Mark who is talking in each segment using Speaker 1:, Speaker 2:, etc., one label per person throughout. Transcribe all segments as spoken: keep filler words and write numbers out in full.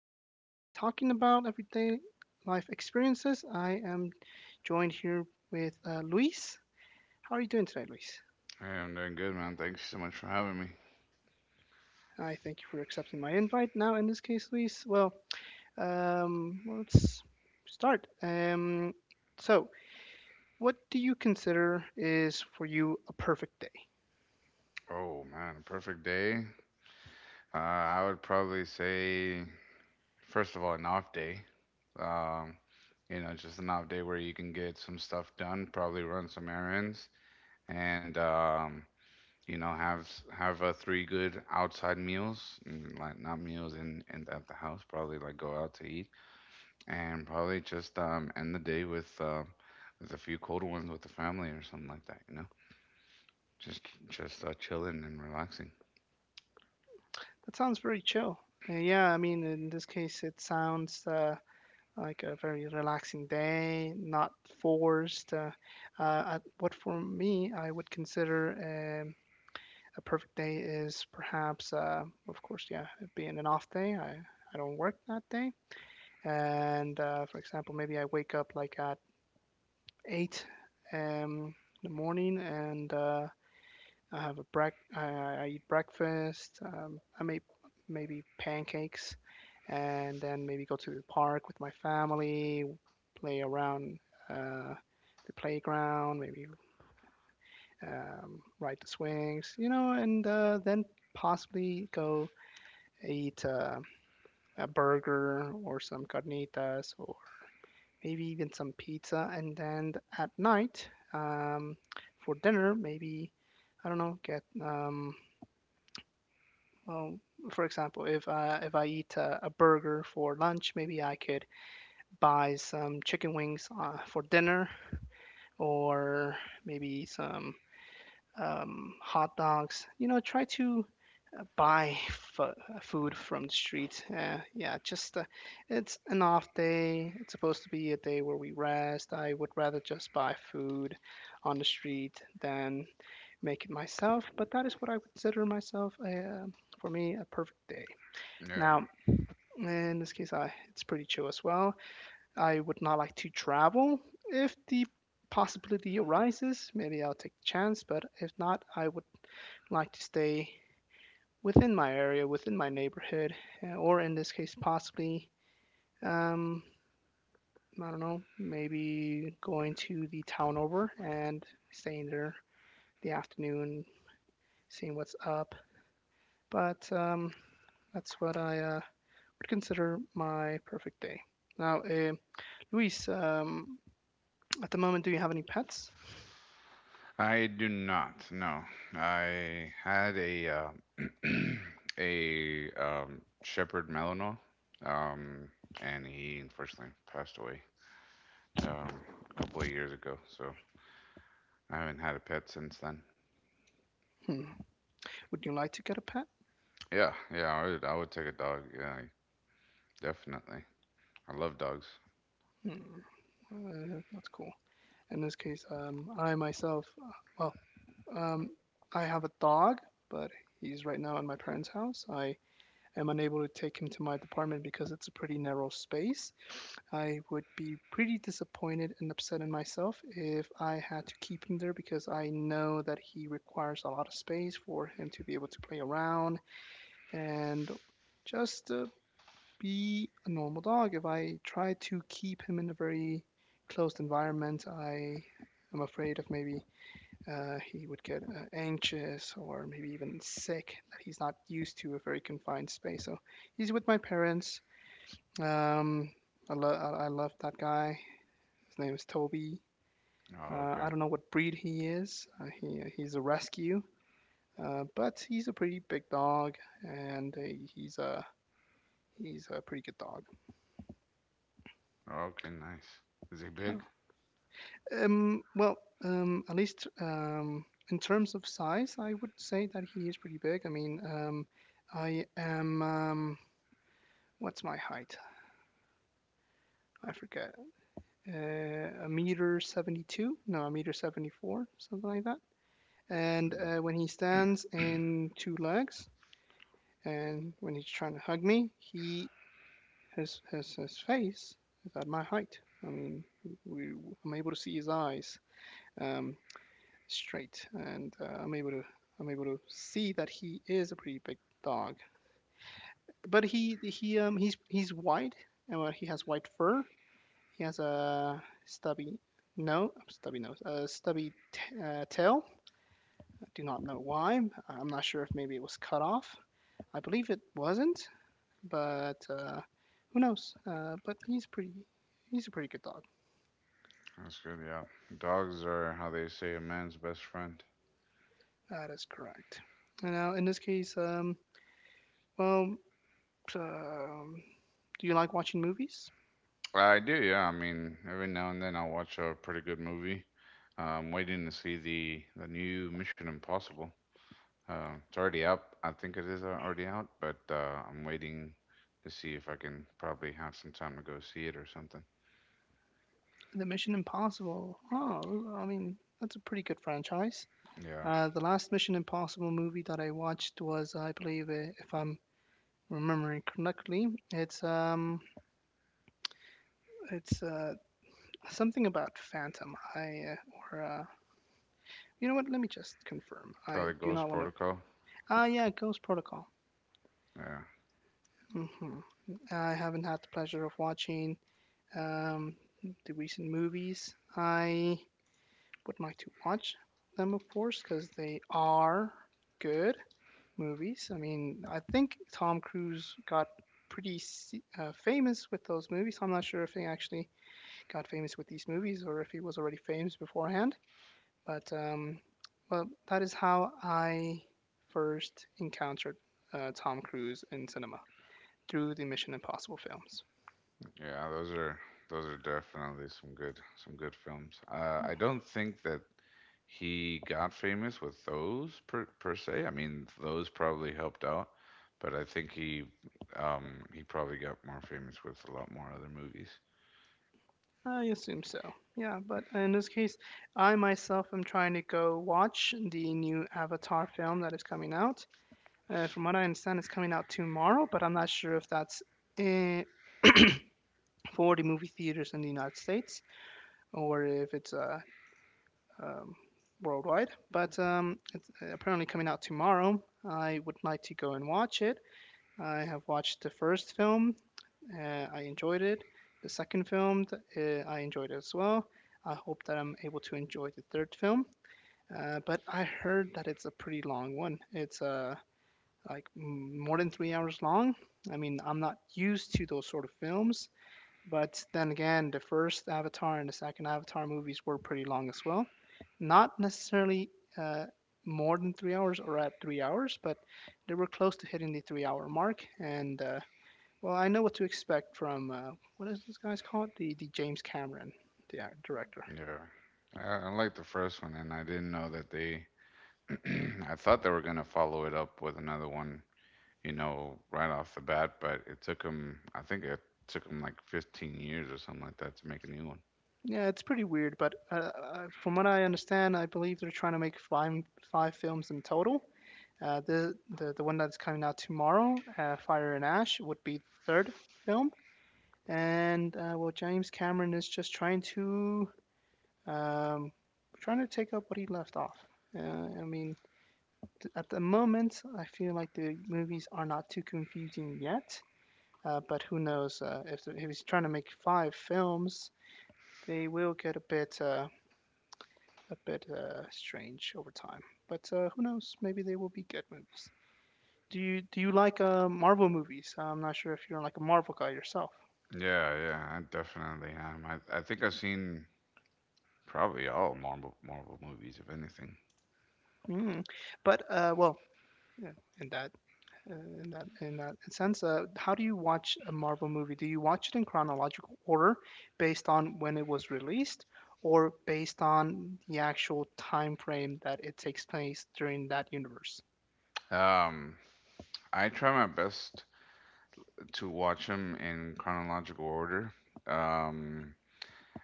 Speaker 1: be talking about everyday life experiences. I am joined here with uh, Luis. How are you doing today, Luis?
Speaker 2: Hey, I'm doing good, man. Thanks so much for having me.
Speaker 1: I thank you for accepting my invite. Now, in this case, Luis, well, um, well, let's start. Um, so, what do you consider is for you a perfect day?
Speaker 2: Oh, man, a perfect day. Uh, I would probably say, first of all, an off day. Um, you know, just an off day where you can get some stuff done, probably run some errands, and um, you know, have s- have uh, three good outside meals, mm, like not meals in, in at the house. Probably like go out to eat, and probably just um, end the day with uh, with a few cold ones with the family or something like that. You know. Just just uh, chilling and relaxing.
Speaker 1: That sounds very chill. Uh, yeah, I mean, in this case, it sounds. Uh, like a very relaxing day, not forced. Uh, uh, I- what for me, I would consider um, a perfect day is perhaps, uh, of course, yeah, it being an off day. I, I don't work that day. And uh, for example, maybe I wake up like at eight um, in the morning, and uh, I have a break. I, I eat breakfast. Um, I make maybe pancakes, and then maybe go to the park with my family, play around uh, the playground, maybe um, ride the swings, you know, and uh, then possibly go eat uh, a burger or some carnitas or maybe even some pizza. And then at night, um, for dinner, maybe, I don't know, get, um, well, for example, if uh, if I eat a, a burger for lunch, maybe I could buy some chicken wings uh, for dinner, or maybe some um, hot dogs. You know, try to uh, buy f- food from the street. Uh, yeah, just uh, it's an off day. It's supposed to be a day where we rest. I would rather just buy food on the street than make it myself. But that is what I consider myself a, uh, for me a perfect day.
Speaker 2: Yeah.
Speaker 1: Now, in this case, I, it's pretty chill as well. I would not like to travel if the possibility arises. Maybe I'll take the chance, but if not, I would like to stay within my area, within my neighborhood, uh, or in this case, possibly, um, I don't know, maybe going to the town over and staying there the afternoon, seeing what's up. But um, That's what I uh, would consider my perfect day. Now, um Luis, um, at the moment, do you have any pets?
Speaker 2: I do not. No. I had a uh, a um, shepherd Malinois, um, and he unfortunately passed away um, a couple of years ago. So I haven't had a pet since then.
Speaker 1: Hmm. Would you like to get a pet?
Speaker 2: Yeah, yeah, I would, I would take a dog. Yeah, definitely. I love dogs.
Speaker 1: Hmm, uh, that's cool. In this case, um, I myself, uh, well, um, I have a dog, but he's right now in my parents' house. I am unable to take him to my department because it's a pretty narrow space. I would be pretty disappointed and upset in myself if I had to keep him there because I know that he requires a lot of space for him to be able to play around and just uh, be a normal dog. If I try to keep him in a very closed environment, I am afraid of maybe uh, he would get uh, anxious or maybe even sick, that he's not used to a very confined space. So he's with my parents. Um, I, lo- I-, love that guy. His name is Toby. Uh,
Speaker 2: Oh, okay.
Speaker 1: I don't know what breed he is. Uh, he he's a rescue, uh, but he's a pretty big dog, and uh, he's a he's a pretty good dog.
Speaker 2: Okay, nice. Is he
Speaker 1: So
Speaker 2: big?
Speaker 1: Um, well, um, at least um, in terms of size, I would say that he is pretty big. I mean, um, I am, um, what's my height? I forget. Uh, a meter seventy-two? No, a meter seventy-four, something like that. And
Speaker 2: Mm,
Speaker 1: uh, when he stands in two legs, and when he's trying to hug me, he his, his, his face is at my height. I mean, we, I'm able to see his eyes. Um, Straight, and uh, I'm able to I'm able to see that he is a pretty big dog. But he he um he's he's white, and uh, he has white fur. He has a stubby no stubby nose, a stubby t- uh, tail. I do not know why. I'm not sure if maybe it was cut off. I believe it wasn't, but uh, who knows? Uh, but he's pretty He's a pretty good dog.
Speaker 2: That's good. Yeah, dogs are how they say a man's best friend.
Speaker 1: That is correct. And now in this case, um, well, um do you like watching movies?
Speaker 2: I do, yeah. I mean, every now and then I'll watch a pretty good movie. Uh, I'm waiting to see the the new Mission Impossible. Uh, it's already out. I think it is already out, but uh, I'm waiting to see if I can probably have some time to go see it or something.
Speaker 1: The Mission Impossible. Oh, I mean, that's a pretty good franchise.
Speaker 2: Yeah,
Speaker 1: Uh, the last Mission Impossible movie that I watched was, I believe, uh, if I'm remembering correctly, it's um, it's uh, something about Phantom. I uh, or uh, You know what? Let me just confirm. I
Speaker 2: probably
Speaker 1: do
Speaker 2: Ghost
Speaker 1: not want to.
Speaker 2: Protocol.
Speaker 1: Ah, yeah, Ghost Protocol.
Speaker 2: Yeah,
Speaker 1: Hmm. I haven't had the pleasure of watching um, the recent movies. I would like to watch them, of course, because they are good movies. I mean, I think Tom Cruise got pretty se- uh, famous with those movies. I'm not sure if he actually got famous with these movies or if he was already famous beforehand. But um, well, that is how I first encountered uh, Tom Cruise in cinema through the Mission Impossible films.
Speaker 2: yeah. Those are those are definitely some good some good films. Uh, I don't think that he got famous with those per, per se. I mean, those probably helped out, but I think he um he probably got more famous with a lot more other movies.
Speaker 1: I assume so. Yeah, but in this case, I myself am trying to go watch the new Avatar film that is coming out. Uh, from what I understand, it's coming out tomorrow, but I'm not sure if that's in, for the movie theaters in the United States, or if it's uh, um, worldwide. But um, it's uh, Apparently coming out tomorrow. I would like to go and watch it. I have watched the first film. Uh, I enjoyed it. The second film, uh, I enjoyed it as well. I hope that I'm able to enjoy the third film. Uh, but I heard that it's a pretty long one. It's a uh, like mm, more than three hours long. I mean, I'm not used to those sort of films, but then again, the first Avatar and the second Avatar movies were pretty long as well. Not necessarily uh, more than three hours, or at three hours, but they were close to hitting the three hour mark. And uh, well, I know what to expect from uh, what is this guy's called? The, the James Cameron, the ac- director.
Speaker 2: Yeah. I, I like the first one and I didn't know that they I thought they were going to follow it up with another one, you know, right off the bat, but it took them I think it took them like 15 years or something like that to make a new one.
Speaker 1: Yeah, it's pretty weird, but uh, uh, from what I understand, I believe they're trying to make five five films in total. Uh, the, the the one that's coming out tomorrow, uh, Fire and Ash, would be third film, and uh, well, James Cameron is just trying to um, trying to take up what he left off. Uh, I mean, th- at the moment, I feel like the movies are not too confusing yet, uh, but who knows? Uh, if, the- if he's trying to make five films, they will get a bit uh, a bit uh, strange over time. But uh, who knows? Maybe they will be good movies. Do you do you like uh, Marvel movies? Uh, I'm not sure if you're like a Marvel guy yourself.
Speaker 2: Yeah, yeah, I definitely am. I I think I've seen probably all Marvel Marvel movies if anything.
Speaker 1: Mm. But uh, well, yeah, in that uh, in that in that sense, uh, how do you watch a Marvel movie? Do you watch it in chronological order, based on when it was released, or based on the actual time frame that it takes place during that universe?
Speaker 2: Um, I try my best to watch them in chronological order. Um,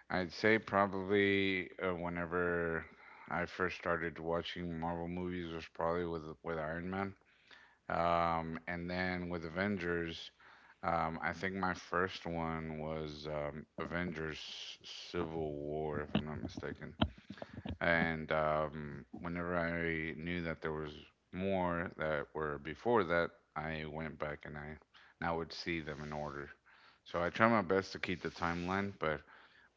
Speaker 2: I'd say probably uh, whenever I first started watching Marvel movies was probably with with Iron Man. Um, and then with Avengers, um, I think my first one was um, Avengers Civil War, if I'm not mistaken. And um, whenever I knew that there was more that were before that, I went back and I now would see them in order. So I try my best to keep the timeline, but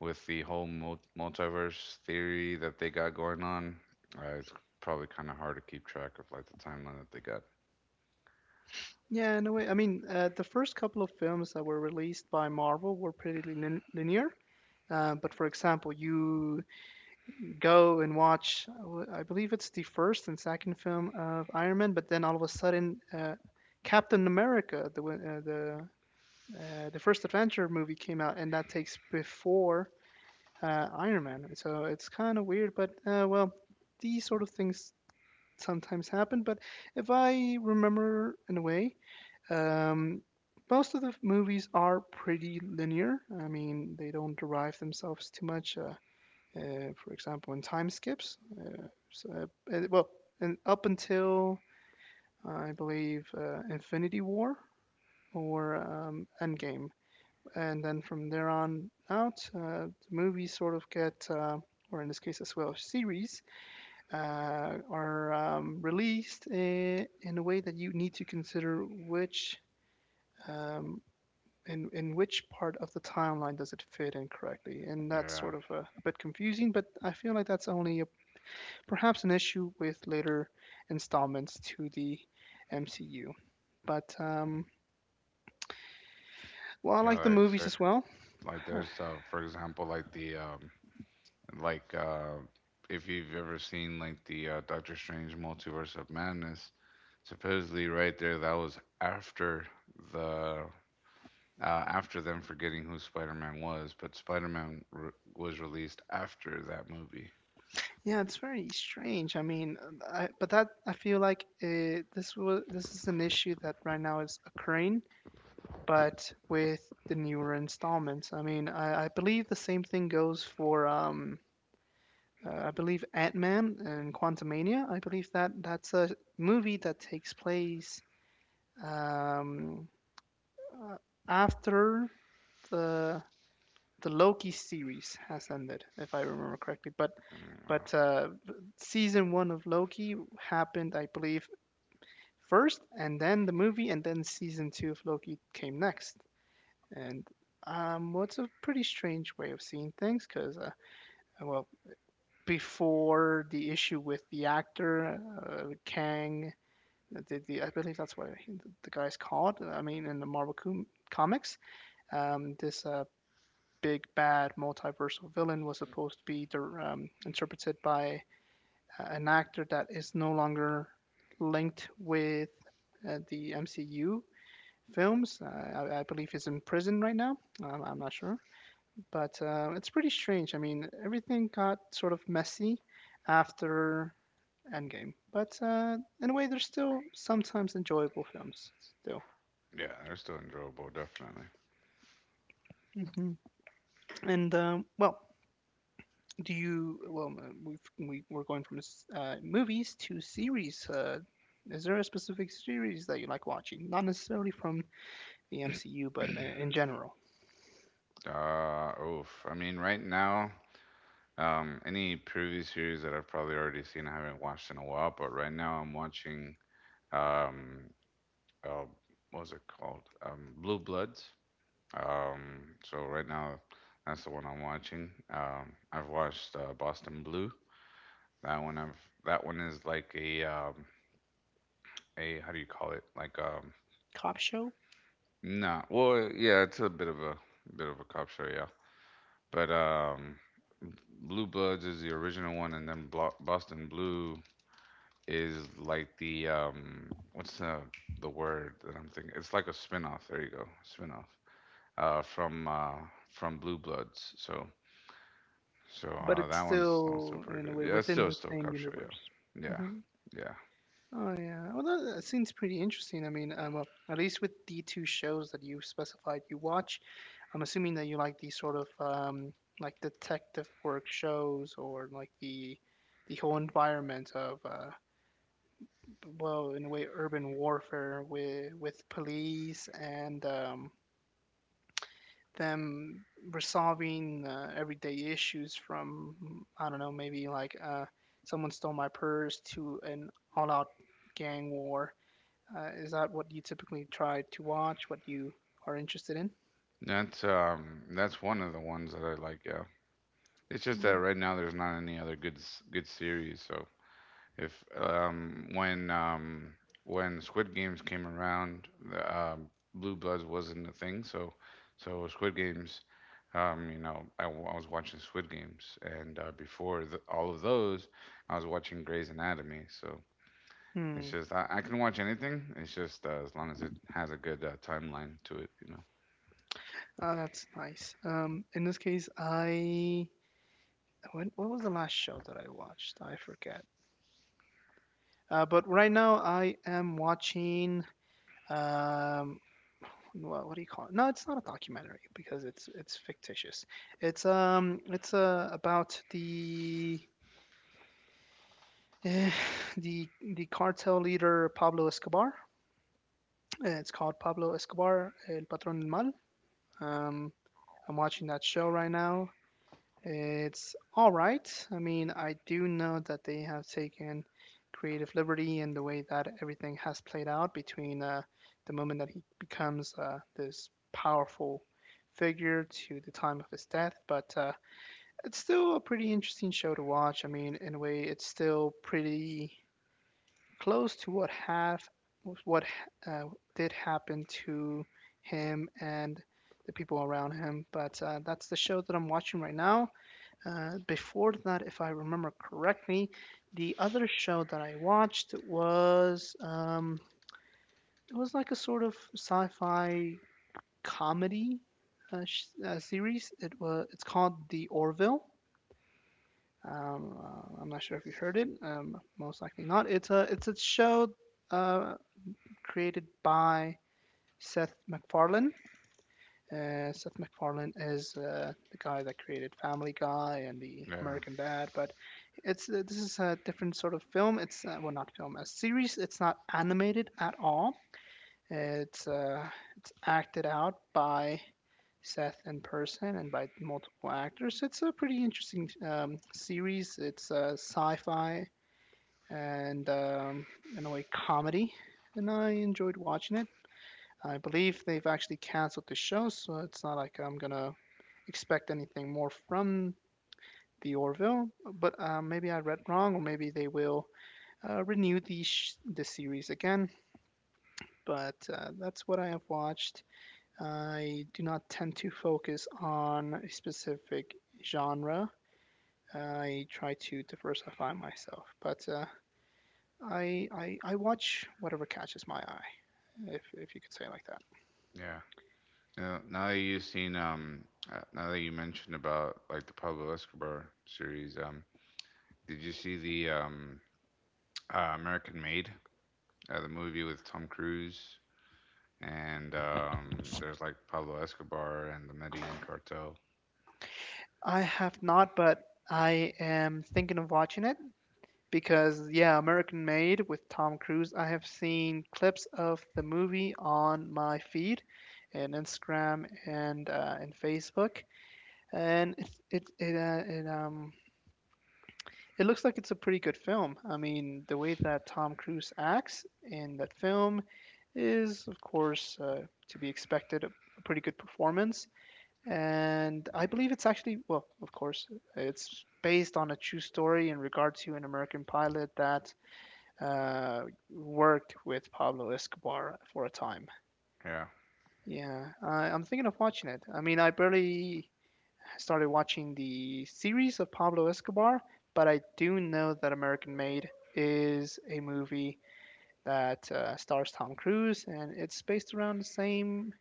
Speaker 2: with the whole mul- multiverse theory that they got going on, uh, it's probably kind of hard to keep track of like the timeline that they got.
Speaker 1: Yeah, in a way. I mean, uh, the first couple of films that were released by Marvel were pretty lin- linear. Uh, but for example, you go and watch. Uh, I believe it's the first and second film of Iron Man, but then all of a sudden, uh, Captain America, the uh, the uh, the first adventure movie came out, and that takes before uh, Iron Man. So it's kind of weird, but uh, well, these sort of things sometimes happen. But if I remember in a way, um, most of the movies are pretty linear. I mean, they don't derive themselves too much. Uh, uh, for example, in time skips. Uh, so, uh, well, and up until I believe uh, Infinity War or um, Endgame, and then from there on out, uh, the movies sort of get, uh, or in this case as well, series uh, are um, released in, in a way that you need to consider which. Um, in, in which part of the timeline does it fit in correctly? And that's
Speaker 2: Yeah,
Speaker 1: sort of a, a bit confusing, but I feel like that's only perhaps an issue with later installments to the M C U. But um, well, I
Speaker 2: yeah,
Speaker 1: like the
Speaker 2: like
Speaker 1: movies
Speaker 2: so,
Speaker 1: as well.
Speaker 2: like
Speaker 1: Uh,
Speaker 2: there's uh, for example, like the um, Like, uh, if you've ever seen like the uh, Doctor Strange Multiverse of Madness, supposedly right there, that was after the uh, after them forgetting who Spider-Man was, but Spider-Man re- was released after that movie.
Speaker 1: Yeah, it's very strange. I mean, I, but that I feel like uh this was this is an issue that right now is occurring, but with the newer installments. I mean, I, I believe the same thing goes for um, uh, I believe Ant Man and Quantumania. I believe that that's a movie that takes place um, Uh, after the the Loki series has ended, if I remember correctly, but
Speaker 2: Mm, wow.
Speaker 1: but uh, season one of Loki happened, I believe, first, and then the movie, and then season two of Loki came next. And um, what's a pretty strange way of seeing things, because uh, well, before the issue with the actor uh, Kang, uh, the, the, I believe that's what the guy's called. I mean, in the Marvel com- comics, um, this uh, big bad multiversal villain was supposed to be um, interpreted by uh, an actor that is no longer linked with uh, the M C U films. Uh, I, I believe he's in prison right now. Um, I'm not sure, but uh, it's pretty strange. I mean, everything got sort of messy after Endgame, but uh, in a way, they're still sometimes enjoyable films still.
Speaker 2: Yeah, they're still enjoyable, definitely.
Speaker 1: Mhm. And um, well, Do you, well, uh, we've, we, we're going from s- uh, movies to series. Uh, is there a specific series that you like watching? Not necessarily from the M C U, but uh, in general.
Speaker 2: Uh, oof. I mean, right now, um, any previous series that I've probably already seen, I haven't watched in a while, but right now I'm watching. Um, uh, what was it called? Um, Blue Bloods. Um, so right now, that's the one I'm watching. Um, I've watched uh, Boston Blue. That one I've that one is like a um, a how do you call it? Like um,
Speaker 1: Cop show,
Speaker 2: not well, yeah, it's a bit of a bit of a cop show, yeah. But um, Blue Bloods is the original one, and then Blo- Boston Blue is like the um, what's the the word that I'm thinking? It's like a spin-off. There you go, spin-off. uh, from uh, from Blue Bloods. So so
Speaker 1: but
Speaker 2: uh,
Speaker 1: it's
Speaker 2: that one's that one's still
Speaker 1: still,
Speaker 2: pretty
Speaker 1: in a
Speaker 2: good.
Speaker 1: way,
Speaker 2: Yeah, it's
Speaker 1: within
Speaker 2: still a
Speaker 1: the
Speaker 2: Stove
Speaker 1: same
Speaker 2: Cop show. Yeah,
Speaker 1: universe.
Speaker 2: yeah,
Speaker 1: Hmm.
Speaker 2: yeah.
Speaker 1: Oh, yeah. Well, that, that seems pretty interesting. I mean, um, uh, well, at least with the two shows that you specified you watch, I'm assuming that you like these sort of um, like detective work shows or like the the whole environment of uh, well, in a way, urban warfare with with police and um, them resolving uh, everyday issues from I don't know, maybe like uh, someone stole my purse to an all-out gang war. Uh, is that what you typically try to watch? What you are interested in?
Speaker 2: That's um that's one of the ones that I like. Yeah, it's just
Speaker 1: Hmm.
Speaker 2: that right now there's not any other good s- good series. So If um, when um, when Squid Games came around, the um Blue Bloods wasn't a thing. So so Squid Games, um, you know, I, w- I was watching Squid Games, and uh, before th all of those, I was watching Grey's Anatomy. So it's
Speaker 1: Hmm.
Speaker 2: just I, I can watch anything. It's just uh, as long as it has a good uh, timeline to it, you know.
Speaker 1: Ah, that's nice. Um, in this case, I when, what was the last show that I watched? I forget. Uh, but right now I am watching. Um what, what do you call it? No, it's not a documentary because it's it's fictitious. It's um it's uh, about the eh, the the cartel leader Pablo Escobar. Uh, it's called Pablo Escobar El Patrón del Mal. um I'm watching that show right now. It's all right. I mean, I do know that they have taken creative liberty in the way that everything has played out between uh, the moment that he becomes uh, this powerful figure to the time of his death. But uh, it's still a pretty interesting show to watch. I mean, in a way, it's still pretty close to what have what uh, did happen to him and the people around him. But uh, that's the show that I'm watching right now. Uh, before that, if I remember correctly, the other show that I watched was um, it was like a sort of sci-fi comedy uh, sh- uh, series. It was it's called The Orville. Um, uh, I'm not sure if you heard it. Um, most likely not. It's a it's a show uh, created by Seth MacFarlane. Uh, Seth MacFarlane is uh, the guy that created Family Guy and the
Speaker 2: Yeah,
Speaker 1: American Dad, but it's uh, this is a different sort of film. It's uh, well, not film, a series. It's not animated at all. It's uh, it's acted out by Seth in person and by multiple actors. It's a pretty interesting um, series. It's uh, sci-fi and um, in a way comedy, and I enjoyed watching it. I believe they've actually canceled the show, so it's not like I'm gonna expect anything more from the Orville, but uh, maybe I read wrong, or maybe they will uh, renew the sh- the series again. But uh, that's what I have watched. I do not tend to focus on a specific genre. I try to diversify myself, but uh, I, I I watch whatever catches my eye, if if you could say it like that.
Speaker 2: yeah. Now, now that you've seen, um, uh, now that you mentioned about like the Pablo Escobar series, um, did you see the um uh, American Made, uh, the movie with Tom Cruise, and um, there's like Pablo Escobar and the Medellin Cartel.
Speaker 1: I have not, but I am thinking of watching it, because yeah, American Made with Tom Cruise. I have seen clips of the movie on my feed, and Instagram and uh, and Facebook, and it it it, uh, it um it looks like it's a pretty good film. I mean, the way that Tom Cruise acts in that film is, of course, uh, to be expected. A, a pretty good performance, and I believe it's actually, well, of course, it's based on a true story in regard to an American pilot that uh, worked with Pablo Escobar for a time.
Speaker 2: Yeah,
Speaker 1: Yeah, I, I'm thinking of watching it. I mean, I barely started watching the series of Pablo Escobar, but I do know that American Made is a movie that uh, stars Tom Cruise, and it's based around the same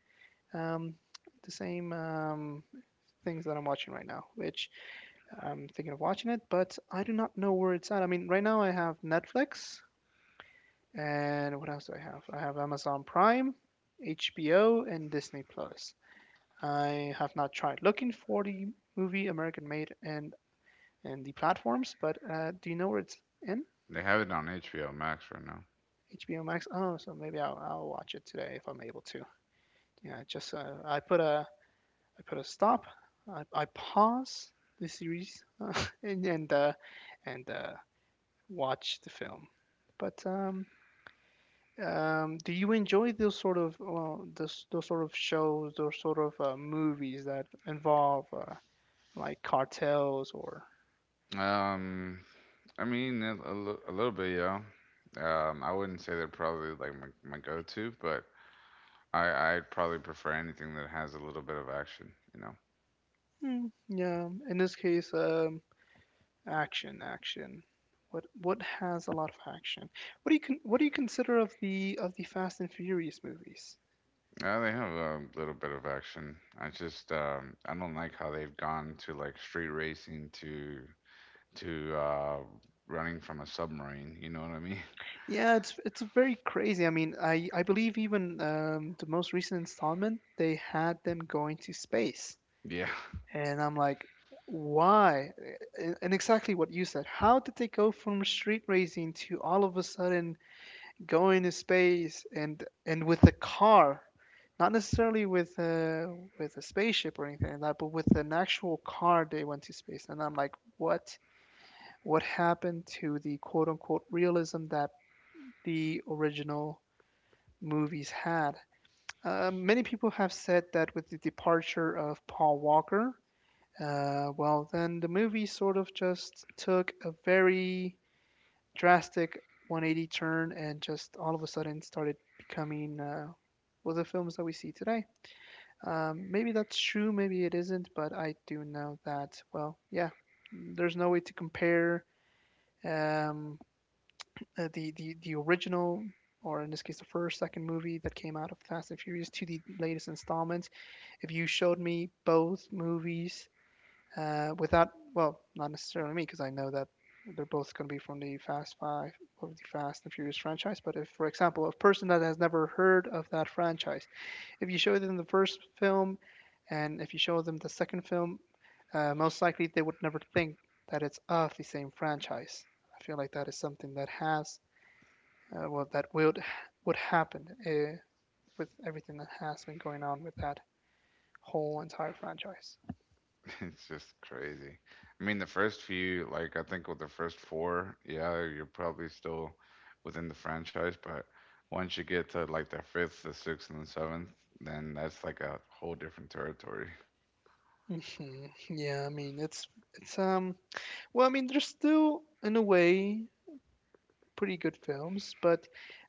Speaker 1: um, the same um, things that I'm watching right now, which I'm thinking of watching it, but I do not know where it's at. I mean, right now I have Netflix. And what else do I have? I have Amazon Prime, H B O, and Disney Plus. I have not tried looking for the movie American Made and and the platforms, but uh, do you know where it's in?
Speaker 2: they have it on H B O Max right now.
Speaker 1: H B O Max. Oh, so maybe I'll, I'll watch it today if I'm able to. Yeah, just uh, I put a I put a stop. I, I pause the series uh, and and uh, and uh, watch the film. But um, Um, do you enjoy those sort of well, those those sort of shows, those sort of uh, movies that involve uh, like cartels or.
Speaker 2: Um, I mean a, a li- a little bit, yeah. Um, I wouldn't say they're probably like my, my go-to, but I I'd probably prefer anything that has a little bit of action. You know,
Speaker 1: Hmm, yeah, in this case, um, action, action. What what has a lot of action? What do you con what do you consider of the of the Fast and Furious movies?
Speaker 2: uh, they have a little bit of action. I just um, I don't like how they've gone to like street racing to to uh, running from a submarine. You know what I mean?
Speaker 1: Yeah, it's it's very crazy. I mean, I I believe even um, the most recent installment they had them going to space.
Speaker 2: Yeah,
Speaker 1: And I'm like, why? And exactly what you said. How did they go from street racing to all of a sudden going to space and and with a car? Not necessarily with a with a spaceship or anything like that, but with an actual car they went to space. And I'm like, what? What happened to the quote unquote realism that the original movies had? Uh, many people have said that with the departure of Paul Walker. Uh, well, then the movie sort of just took a very drastic one eighty turn and just all of a sudden started becoming uh, well, the films that we see today. Um, maybe that's true, maybe it isn't, but I do know that, well, yeah, there's no way to compare um, uh, the, the, the original, or in this case, the first, second movie that came out of Fast and Furious to the latest installment. If you showed me both movies, uh, without, well, not necessarily me because I know that they're both going to be from the Fast Five of the Fast and Furious franchise. But if, for example, a person that has never heard of that franchise, if you show them the first film, and if you show them the second film, uh, most likely they would never think that it's of the same franchise. I feel like that is something that has uh, well, that would would happen uh, with everything that has been going on with that whole entire franchise.
Speaker 2: it's just crazy. I mean, the first few, like I think with the first four, yeah, you're probably still within the franchise, but once you get to like the fifth, the sixth, and the seventh, then that's like a whole different territory.
Speaker 1: Hmm. Yeah, I mean it's it's um Well, I mean, they're still, in a way, pretty good films, but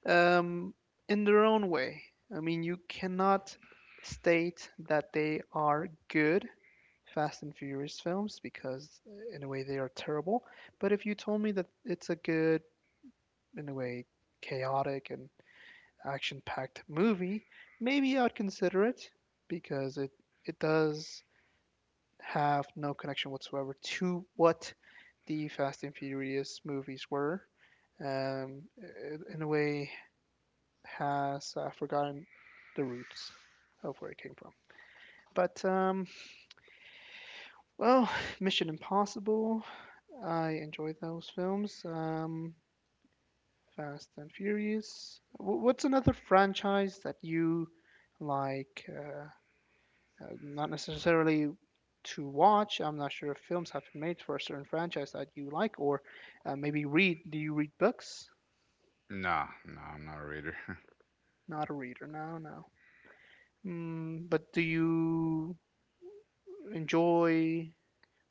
Speaker 1: um, in their own way. I mean, you cannot state that they are good Fast and Furious films because, uh, in a way, they are terrible. But if you told me that it's a good, in a way, chaotic and action-packed movie, maybe I'd consider it because it it does have no connection whatsoever to what the Fast and Furious movies were. Um, it, in a way, has uh, forgotten the roots of where it came from. But um, well, Mission Impossible. I enjoyed those films. Um, Fast and Furious. W- what's another franchise that you like? Uh, uh, not necessarily to watch. I'm not sure if films have been made for a certain franchise that you like, or uh, maybe read. Do you read books?
Speaker 2: Nah, no, I'm not a reader.
Speaker 1: Not a reader. No, no. Mm, but do you enjoy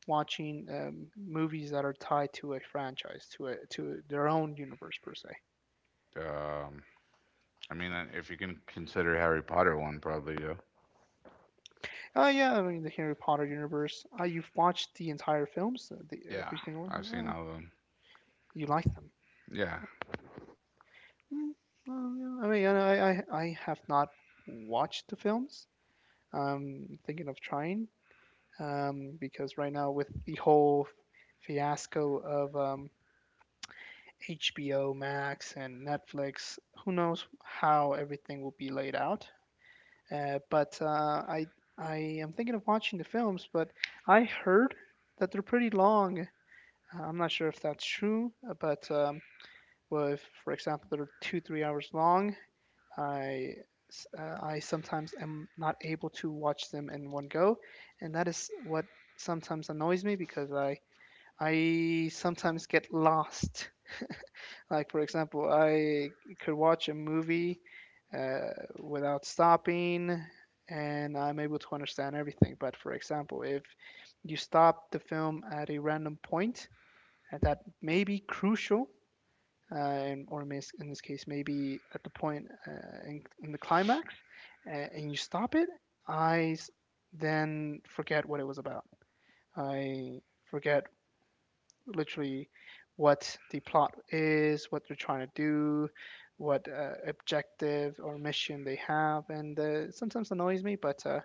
Speaker 1: watching um, movies that are tied to a franchise, to a to their own universe per se?
Speaker 2: um, I mean, uh, if you can consider Harry Potter one, probably yeah.
Speaker 1: Oh yeah, I mean the Harry Potter universe. Uh, you've watched the entire films, uh, the,
Speaker 2: Yeah,
Speaker 1: every single one.
Speaker 2: I've seen
Speaker 1: Oh,
Speaker 2: all of them.
Speaker 1: you like them?
Speaker 2: Yeah,
Speaker 1: Mm, oh, yeah. I mean, I, I I have not watched the films. I'm thinking of trying, um, because right now with the whole fiasco of um, H B O Max and Netflix, who knows how everything will be laid out. Uh, but uh, I I am thinking of watching the films, but I heard that they're pretty long. Uh, I'm not sure if that's true, uh, but um, well, if for example they're two three hours long, I uh, I sometimes am not able to watch them in one go, and that is what sometimes annoys me because I I sometimes get lost. Like, for example, I could watch a movie uh, without stopping and I'm able to understand everything. But for example, if you stop the film at a random point uh, that may be crucial, uh, and, or in this case, maybe at the point uh, in, in the climax, uh, and you stop it, I then forget what it was about. I forget literally what the plot is, what they're trying to do, what uh, objective or mission they have, and uh, sometimes annoys me. But uh,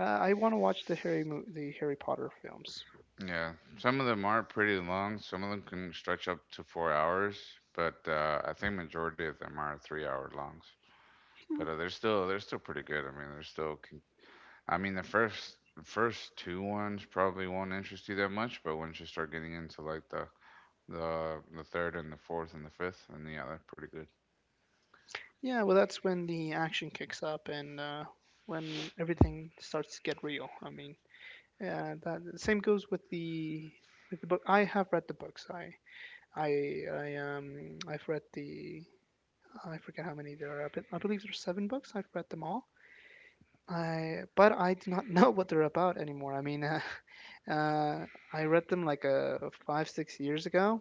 Speaker 1: uh, I want to watch the Harry mo- the Harry Potter films.
Speaker 2: Yeah, some of them are pretty long. Some of them can stretch up to four hours, but uh, I think majority of them are three hour longs.
Speaker 1: Hmm.
Speaker 2: But uh, they're still they're still pretty good. I mean, they're still. Con- I mean, the first the first two ones probably won't interest you that much, but once you start getting into like the the the third and the fourth and the fifth, and yeah, they're pretty good.
Speaker 1: Yeah, well, that's when the action kicks up and uh, when everything starts to get real. I mean, yeah, that the same goes with the with the book. I have read the books. I I I um I've read the I forget how many there are. But I believe there's seven books. I've read them all. I but I do not know what they're about anymore. I mean, uh, uh, I read them like uh, five, six years ago,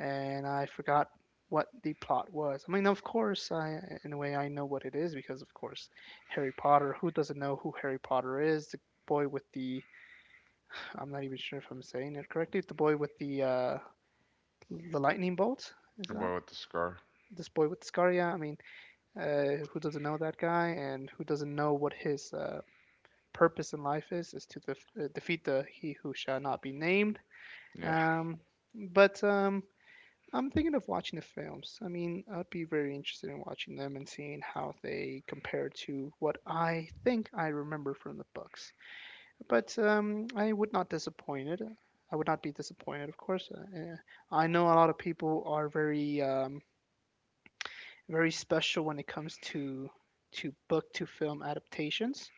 Speaker 1: and I forgot what the plot was. I mean, of course, I in a way I know what it is because, of course, Harry Potter. Who doesn't know who Harry Potter is? The boy with the I'm not even sure if I'm saying it correctly. The boy with the uh, the lightning bolt is
Speaker 2: The
Speaker 1: that
Speaker 2: boy with the scar.
Speaker 1: this boy with the scar? Yeah, I mean, uh, who doesn't know that guy, and who doesn't know what his uh, purpose in life is, is to def- uh, defeat the he who shall not be named.
Speaker 2: Yeah,
Speaker 1: Um, but um, I'm thinking of watching the films. I mean, I'd be very interested in watching them and seeing how they compare to what I think I remember from the books. But um, I would not disappointed. I would not be disappointed, of course. Uh, eh, I know a lot of people are very, um, very special when it comes to to book to film adaptations,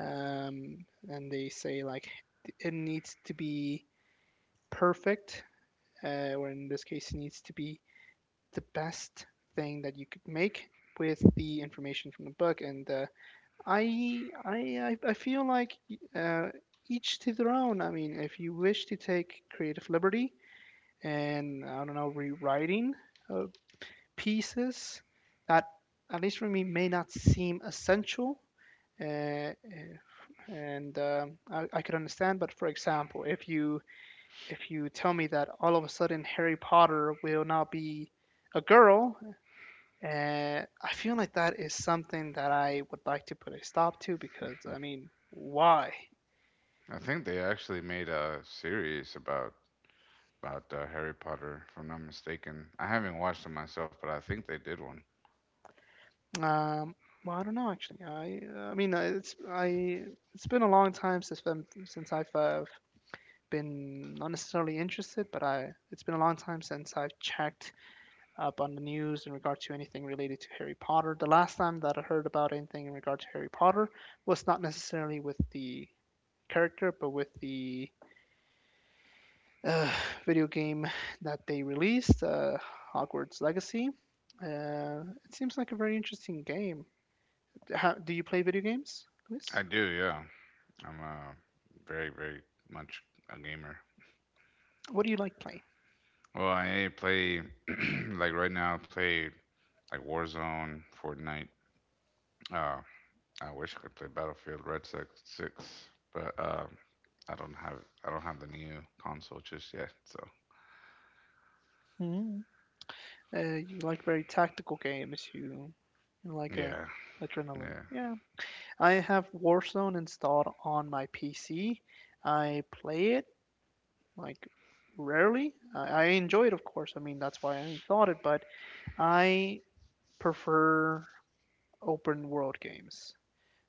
Speaker 1: um, and they say like it needs to be perfect, uh, or in this case, it needs to be the best thing that you could make with the information from the book. And uh, I, I, I feel like uh, each to their own. I mean, if you wish to take creative liberty and I don't know, rewriting uh, pieces that, at least for me, may not seem essential uh, uh, and um I, I could understand. But for example, if you if you tell me that all of a sudden Harry Potter will not be a girl, uh, I feel like that is something that I would like to put a stop to because I mean, why?
Speaker 2: I think they actually made a series about about uh, Harry Potter, if I'm not mistaken. I haven't watched it myself, but I think they did one.
Speaker 1: Um, well, I don't know actually. I I mean, uh, it's I it's been a long time since I'm, since I've uh, been not necessarily interested, but I it's been a long time since I've checked up on the news in regard to anything related to Harry Potter. The last time that I heard about anything in regard to Harry Potter was not necessarily with the character, but with the uh, video game that they released, uh, Hogwarts Legacy. Uh, it seems like a very interesting game. How, do you play video games, Luis?
Speaker 2: I do, yeah. I'm uh, very, very much a gamer.
Speaker 1: What do you like playing?
Speaker 2: Well, I play, like right now, I play like Warzone, Fortnite. Uh, I wish I could play Battlefield Red Six, 6, but uh, I don't have I don't have the new console just yet. So
Speaker 1: Hmm. Uh, you like very tactical games. You, you like a
Speaker 2: yeah,
Speaker 1: adrenaline.
Speaker 2: yeah.
Speaker 1: Yeah, I have Warzone installed on my P C. I play it like rarely. I, I enjoy it, of course. I mean, that's why I installed it, but I prefer open world games.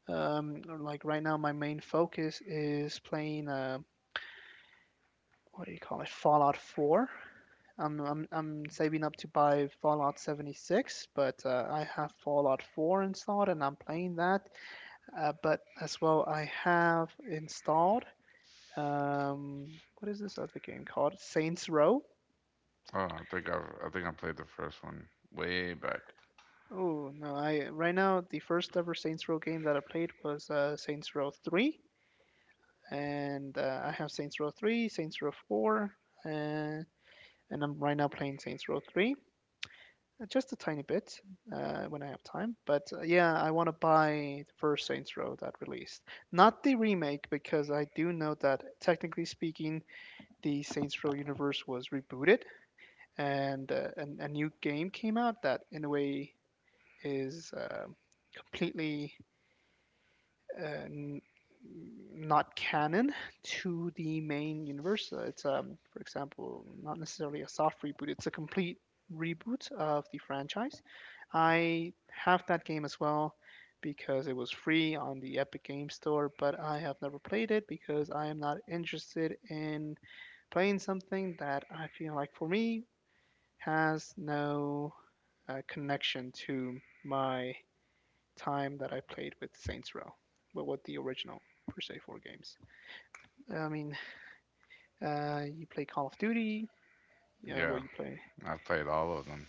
Speaker 1: Um, like right now, my main focus is playing, uh, what do you call it, Fallout four. I'm, I'm, I'm saving up to buy Fallout seventy-six, but uh, I have Fallout four installed and I'm playing that. Uh, but as well, I have installed Um, what is this other game called? Saints Row?
Speaker 2: Oh, I think I've I think I played the first one way back.
Speaker 1: Oh no, I right now the first ever Saints Row game that I played was uh, Saints Row three, and uh, I have Saints Row three, Saints Row four, uh, and I'm right now playing Saints Row three. Uh, just a tiny bit uh, when I have time, but uh, yeah, I want to buy the first Saints Row that released, not the remake, because I do know that technically speaking, the Saints Row universe was rebooted and uh, an, a new game came out that in a way is uh, completely uh, n- not canon to the main universe. Uh, It's um, for example, not necessarily a soft reboot. It's a complete reboot of the franchise. I have that game as well because it was free on the Epic Game Store, but I have never played it because I am not interested in playing something that I feel like for me has no uh, connection to my time that I played with Saints Row, but with the original per se four games. I mean, uh, you play Call of Duty. Yeah, well,
Speaker 2: Yeah,
Speaker 1: you play.
Speaker 2: I've played all of them.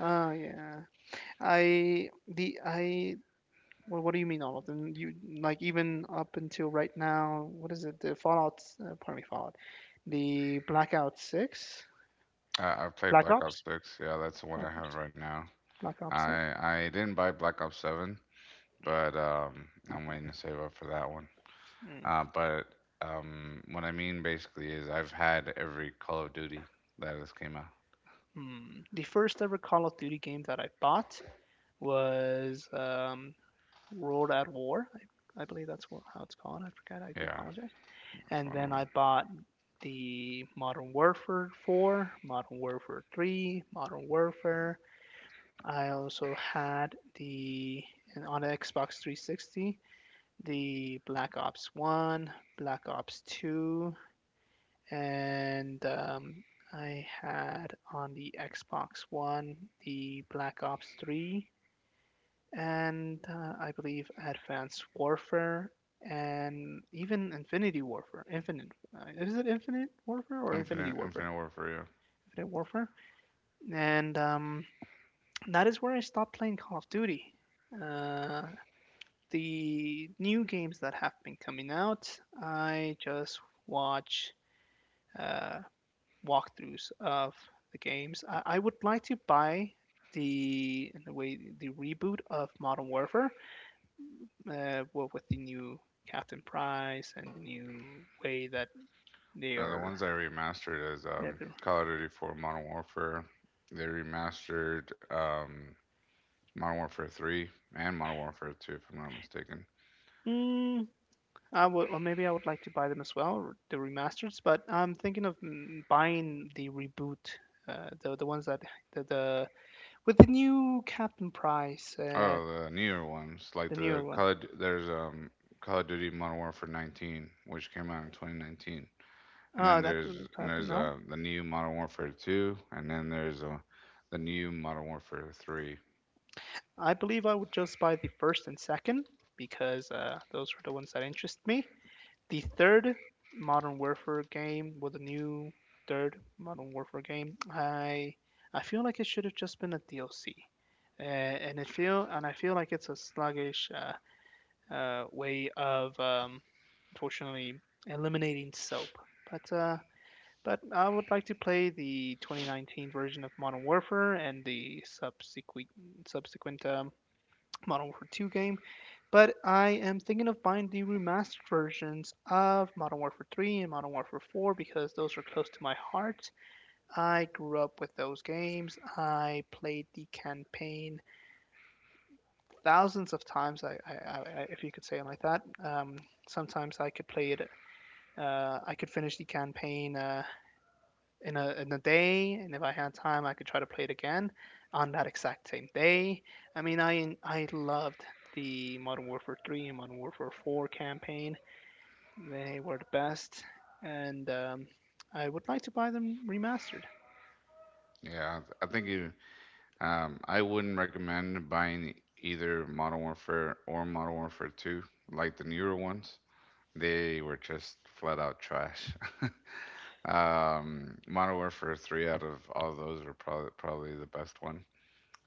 Speaker 1: Oh yeah. I the I. Well, what do you mean all of them? You like even up until right now? What is it? The Fallout. Uh, pardon me, Fallout. The Blackout Six.
Speaker 2: I, I've played
Speaker 1: Black
Speaker 2: Black Ops
Speaker 1: Ops.
Speaker 2: six. Yeah, that's the one
Speaker 1: Black
Speaker 2: I have
Speaker 1: Ops.
Speaker 2: right now.
Speaker 1: Black Ops Six.
Speaker 2: I I didn't buy Black Ops seven, but um, I'm waiting to save up for that one.
Speaker 1: Hmm.
Speaker 2: Uh, but um, what I mean basically is I've had every Call of Duty that has came out.
Speaker 1: Hmm. The first ever Call of Duty game that I bought was um, World at War. I, I believe that's what, how it's called. I forgot. I do
Speaker 2: Yeah,
Speaker 1: apologize.
Speaker 2: that's
Speaker 1: And
Speaker 2: one of
Speaker 1: then
Speaker 2: them.
Speaker 1: I bought the Modern Warfare four, Modern Warfare three, Modern Warfare. I also had the and on the Xbox three sixty the Black Ops one, Black Ops two, and um, I had on the Xbox One the Black Ops three, and uh, I believe Advanced Warfare and even Infinity Warfare. Infinite uh, is it Infinite Warfare or Infinity
Speaker 2: Infinite
Speaker 1: Warfare?
Speaker 2: Infinite Warfare. Yeah.
Speaker 1: Infinite Warfare. And um, that is where I stopped playing Call of Duty. Uh, the new games that have been coming out, I just watch uh, walkthroughs of the games. I, I would like to buy the in the way the reboot of Modern Warfare, uh, well, with the new Captain Price and the new way that they
Speaker 2: Now, the
Speaker 1: are.
Speaker 2: ones I remastered is
Speaker 1: Yeah,
Speaker 2: um, Call of Duty four Modern Warfare. They remastered um, Modern Warfare three and Modern Warfare two, if I'm not mistaken.
Speaker 1: mm, I would, or maybe I would like to buy them as well, the remasters. But I'm thinking of mm, buying the reboot, uh, the the ones that the, the with the new Captain Price, uh,
Speaker 2: Oh, the newer ones like
Speaker 1: the newer
Speaker 2: the
Speaker 1: one.
Speaker 2: Call of, there's um Call of Duty Modern Warfare nineteen, which came out in twenty nineteen. and
Speaker 1: Oh,
Speaker 2: then
Speaker 1: that
Speaker 2: there's
Speaker 1: I
Speaker 2: and
Speaker 1: don't
Speaker 2: there's
Speaker 1: know.
Speaker 2: uh, the new Modern Warfare two, and then there's uh, the new Modern Warfare three.
Speaker 1: I believe I would just buy the first and second because uh, those were the ones that interest me. The third Modern Warfare game was the new third Modern Warfare game. I I feel like it should have just been a D L C, uh, and it feel and I feel like it's a sluggish uh, uh, way of um, unfortunately eliminating soap. But uh, but I would like to play the twenty nineteen version of Modern Warfare and the subsequent subsequent um, Modern Warfare two game. But I am thinking of buying the remastered versions of Modern Warfare three and Modern Warfare four because those are close to my heart. I grew up with those games. I played the campaign thousands of times, I, I, I, if you could say it like that. Um, sometimes I could play it. Uh, I could finish the campaign uh, in a in a day, and if I had time, I could try to play it again on that exact same day. I mean, I I loved the Modern Warfare three and Modern Warfare four campaign. They were the best, and um, I would like to buy them remastered.
Speaker 2: Yeah, I th- I think you, um, I wouldn't recommend buying either Modern Warfare or Modern Warfare two, like the newer ones. They were just flat out trash. Um, Modern Warfare three out of all those were probably probably the best one.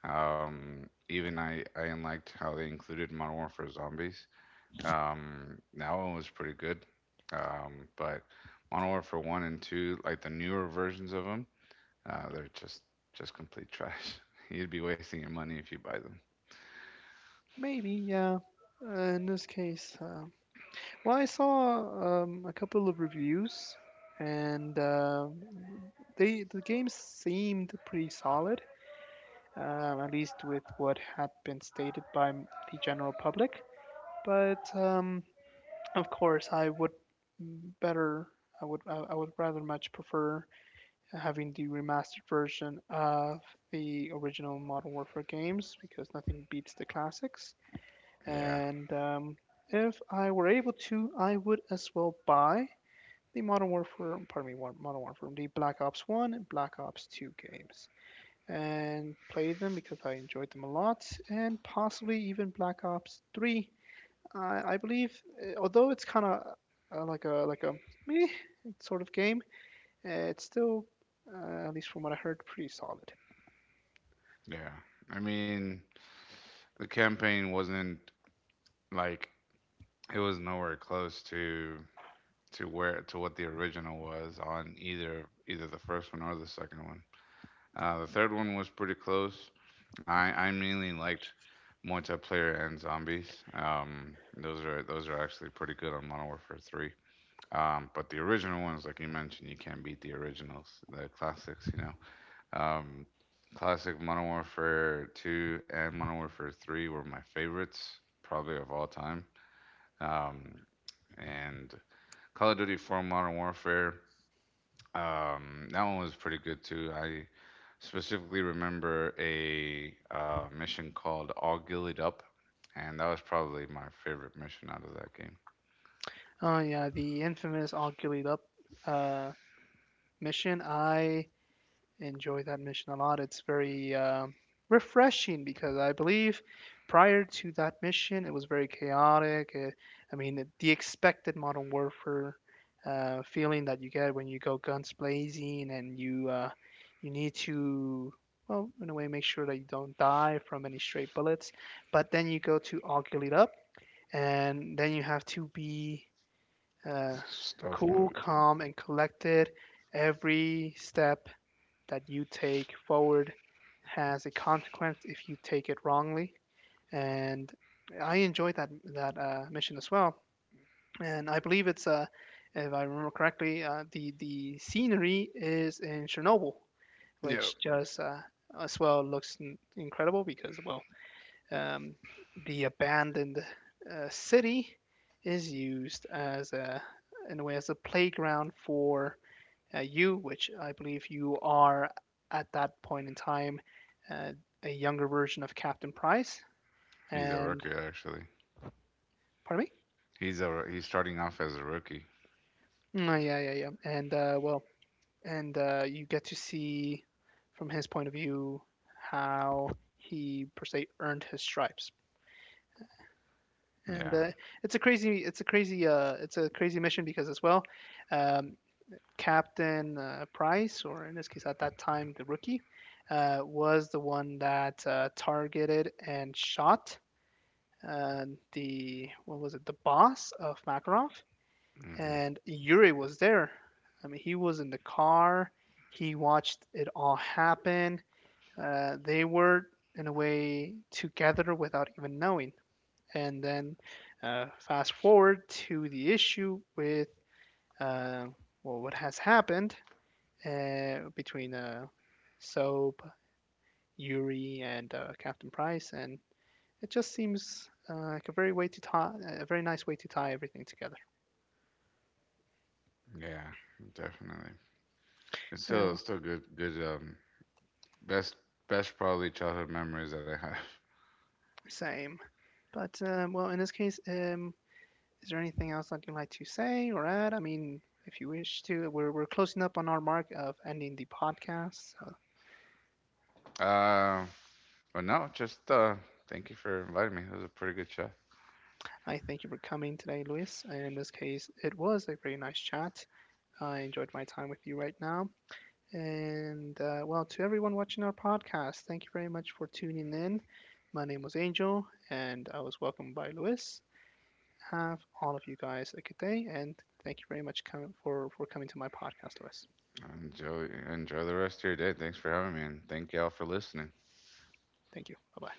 Speaker 2: Um, even I I liked how they included Modern Warfare Zombies. Um, that one was pretty good. Um, but Modern Warfare One and Two, like the newer versions of them, uh, they're just just complete trash. You'd be wasting your money if you buy them.
Speaker 1: Maybe, yeah. Uh, in this case, uh, well, I saw um, a couple of reviews, and uh, they the game seemed pretty solid, um, at least with what had been stated by the general public. But um, of course, I would better, I would, I would rather much prefer having the remastered version of the original Modern Warfare games because nothing beats the classics.
Speaker 2: Yeah,
Speaker 1: And um, if I were able to, I would as well buy the Modern Warfare, pardon me, one- Modern Warfare, the Black Ops one and Black Ops 2 games and play them because I enjoyed them a lot, and possibly even Black Ops three. I, I believe, uh, although it's kind of uh, like a like a meh sort of game, uh, it's still, uh, at least from what I heard, pretty solid.
Speaker 2: yeah. I mean, the campaign wasn't like it was nowhere close to to where to what the original was on either either the first one or the second one. Uh, the third one was pretty close. I I mainly liked multiplayer and zombies. Um, those are those are actually pretty good on Modern Warfare three. Um, but the original ones, like you mentioned, you can't beat the originals, the classics. You know, um, classic Modern Warfare two and Modern Warfare three were my favorites, probably of all time. Um, and Call of Duty four Modern Warfare um, that one was pretty good too. I specifically remember a uh, mission called All Gillied Up, and that was probably my favorite mission out of that game.
Speaker 1: Oh yeah, the infamous all gillied up uh, mission. I enjoy that mission a lot. It's very um, refreshing because I believe prior to that mission, it was very chaotic. Uh, I mean, the expected modern warfare uh, feeling that you get when you go guns blazing and you uh, you need to. Well, in a way, make sure that you don't die from any stray bullets. But then you go to all gillied up, and then you have to be uh,
Speaker 2: Stealth
Speaker 1: cool,
Speaker 2: mode.
Speaker 1: calm, and collected. Every step that you take forward has a consequence if you take it wrongly. And I enjoyed that that uh, mission as well. And I believe it's, uh, if I remember correctly, uh, the the scenery is in Chernobyl,
Speaker 2: Yep.
Speaker 1: which just uh, as well looks incredible because well um, the abandoned uh, city is used as a in a way as a playground for uh, you, which I believe you are at that point in time uh, a younger version of Captain Price.
Speaker 2: He's a
Speaker 1: And
Speaker 2: rookie actually.
Speaker 1: pardon
Speaker 2: He's a he's starting off as a rookie.
Speaker 1: me? Mm, yeah, yeah, yeah. And uh, well, and uh, you get to see from his point of view how he per se earned his stripes. And
Speaker 2: Yeah.
Speaker 1: uh, it's a crazy it's a crazy uh, it's a crazy mission because as well um, captain uh, price or in this case at that time the rookie uh, was the one that uh, targeted and shot uh, the what was it the boss of makarov
Speaker 2: Hmm.
Speaker 1: and yuri was there. I mean he was in the car, he watched it all happen. uh, they were in a way together without even knowing, and then uh, fast forward to the issue with uh, well, what has happened uh, between uh, Soap, Yuri, and uh, Captain Price, and it just seems uh, like a very way to tie, a very nice way to tie everything together.
Speaker 2: Yeah, definitely. It's
Speaker 1: Yeah,
Speaker 2: still it's
Speaker 1: well,
Speaker 2: still good good um best best probably childhood memories that I have.
Speaker 1: same. But um, well, in this case, um, is there anything else that you'd like to say or add? I mean, if you wish to, we're we're closing up on our mark of ending the podcast. So
Speaker 2: Uh, but no, just uh thank you for inviting me. It was a pretty good chat.
Speaker 1: I thank you for coming today, Luis. And in this case, it was a very nice chat. I enjoyed my time with you right now. And uh, well, to everyone watching our podcast, thank you very much for tuning in. My name was Angel, and I was welcomed by Luis. Have all of you guys a good day, and thank you very much for for coming to my podcast, Luis.
Speaker 2: Enjoy enjoy the rest of your day. Thanks for having me, and thank y'all for listening.
Speaker 1: Thank you. Bye bye.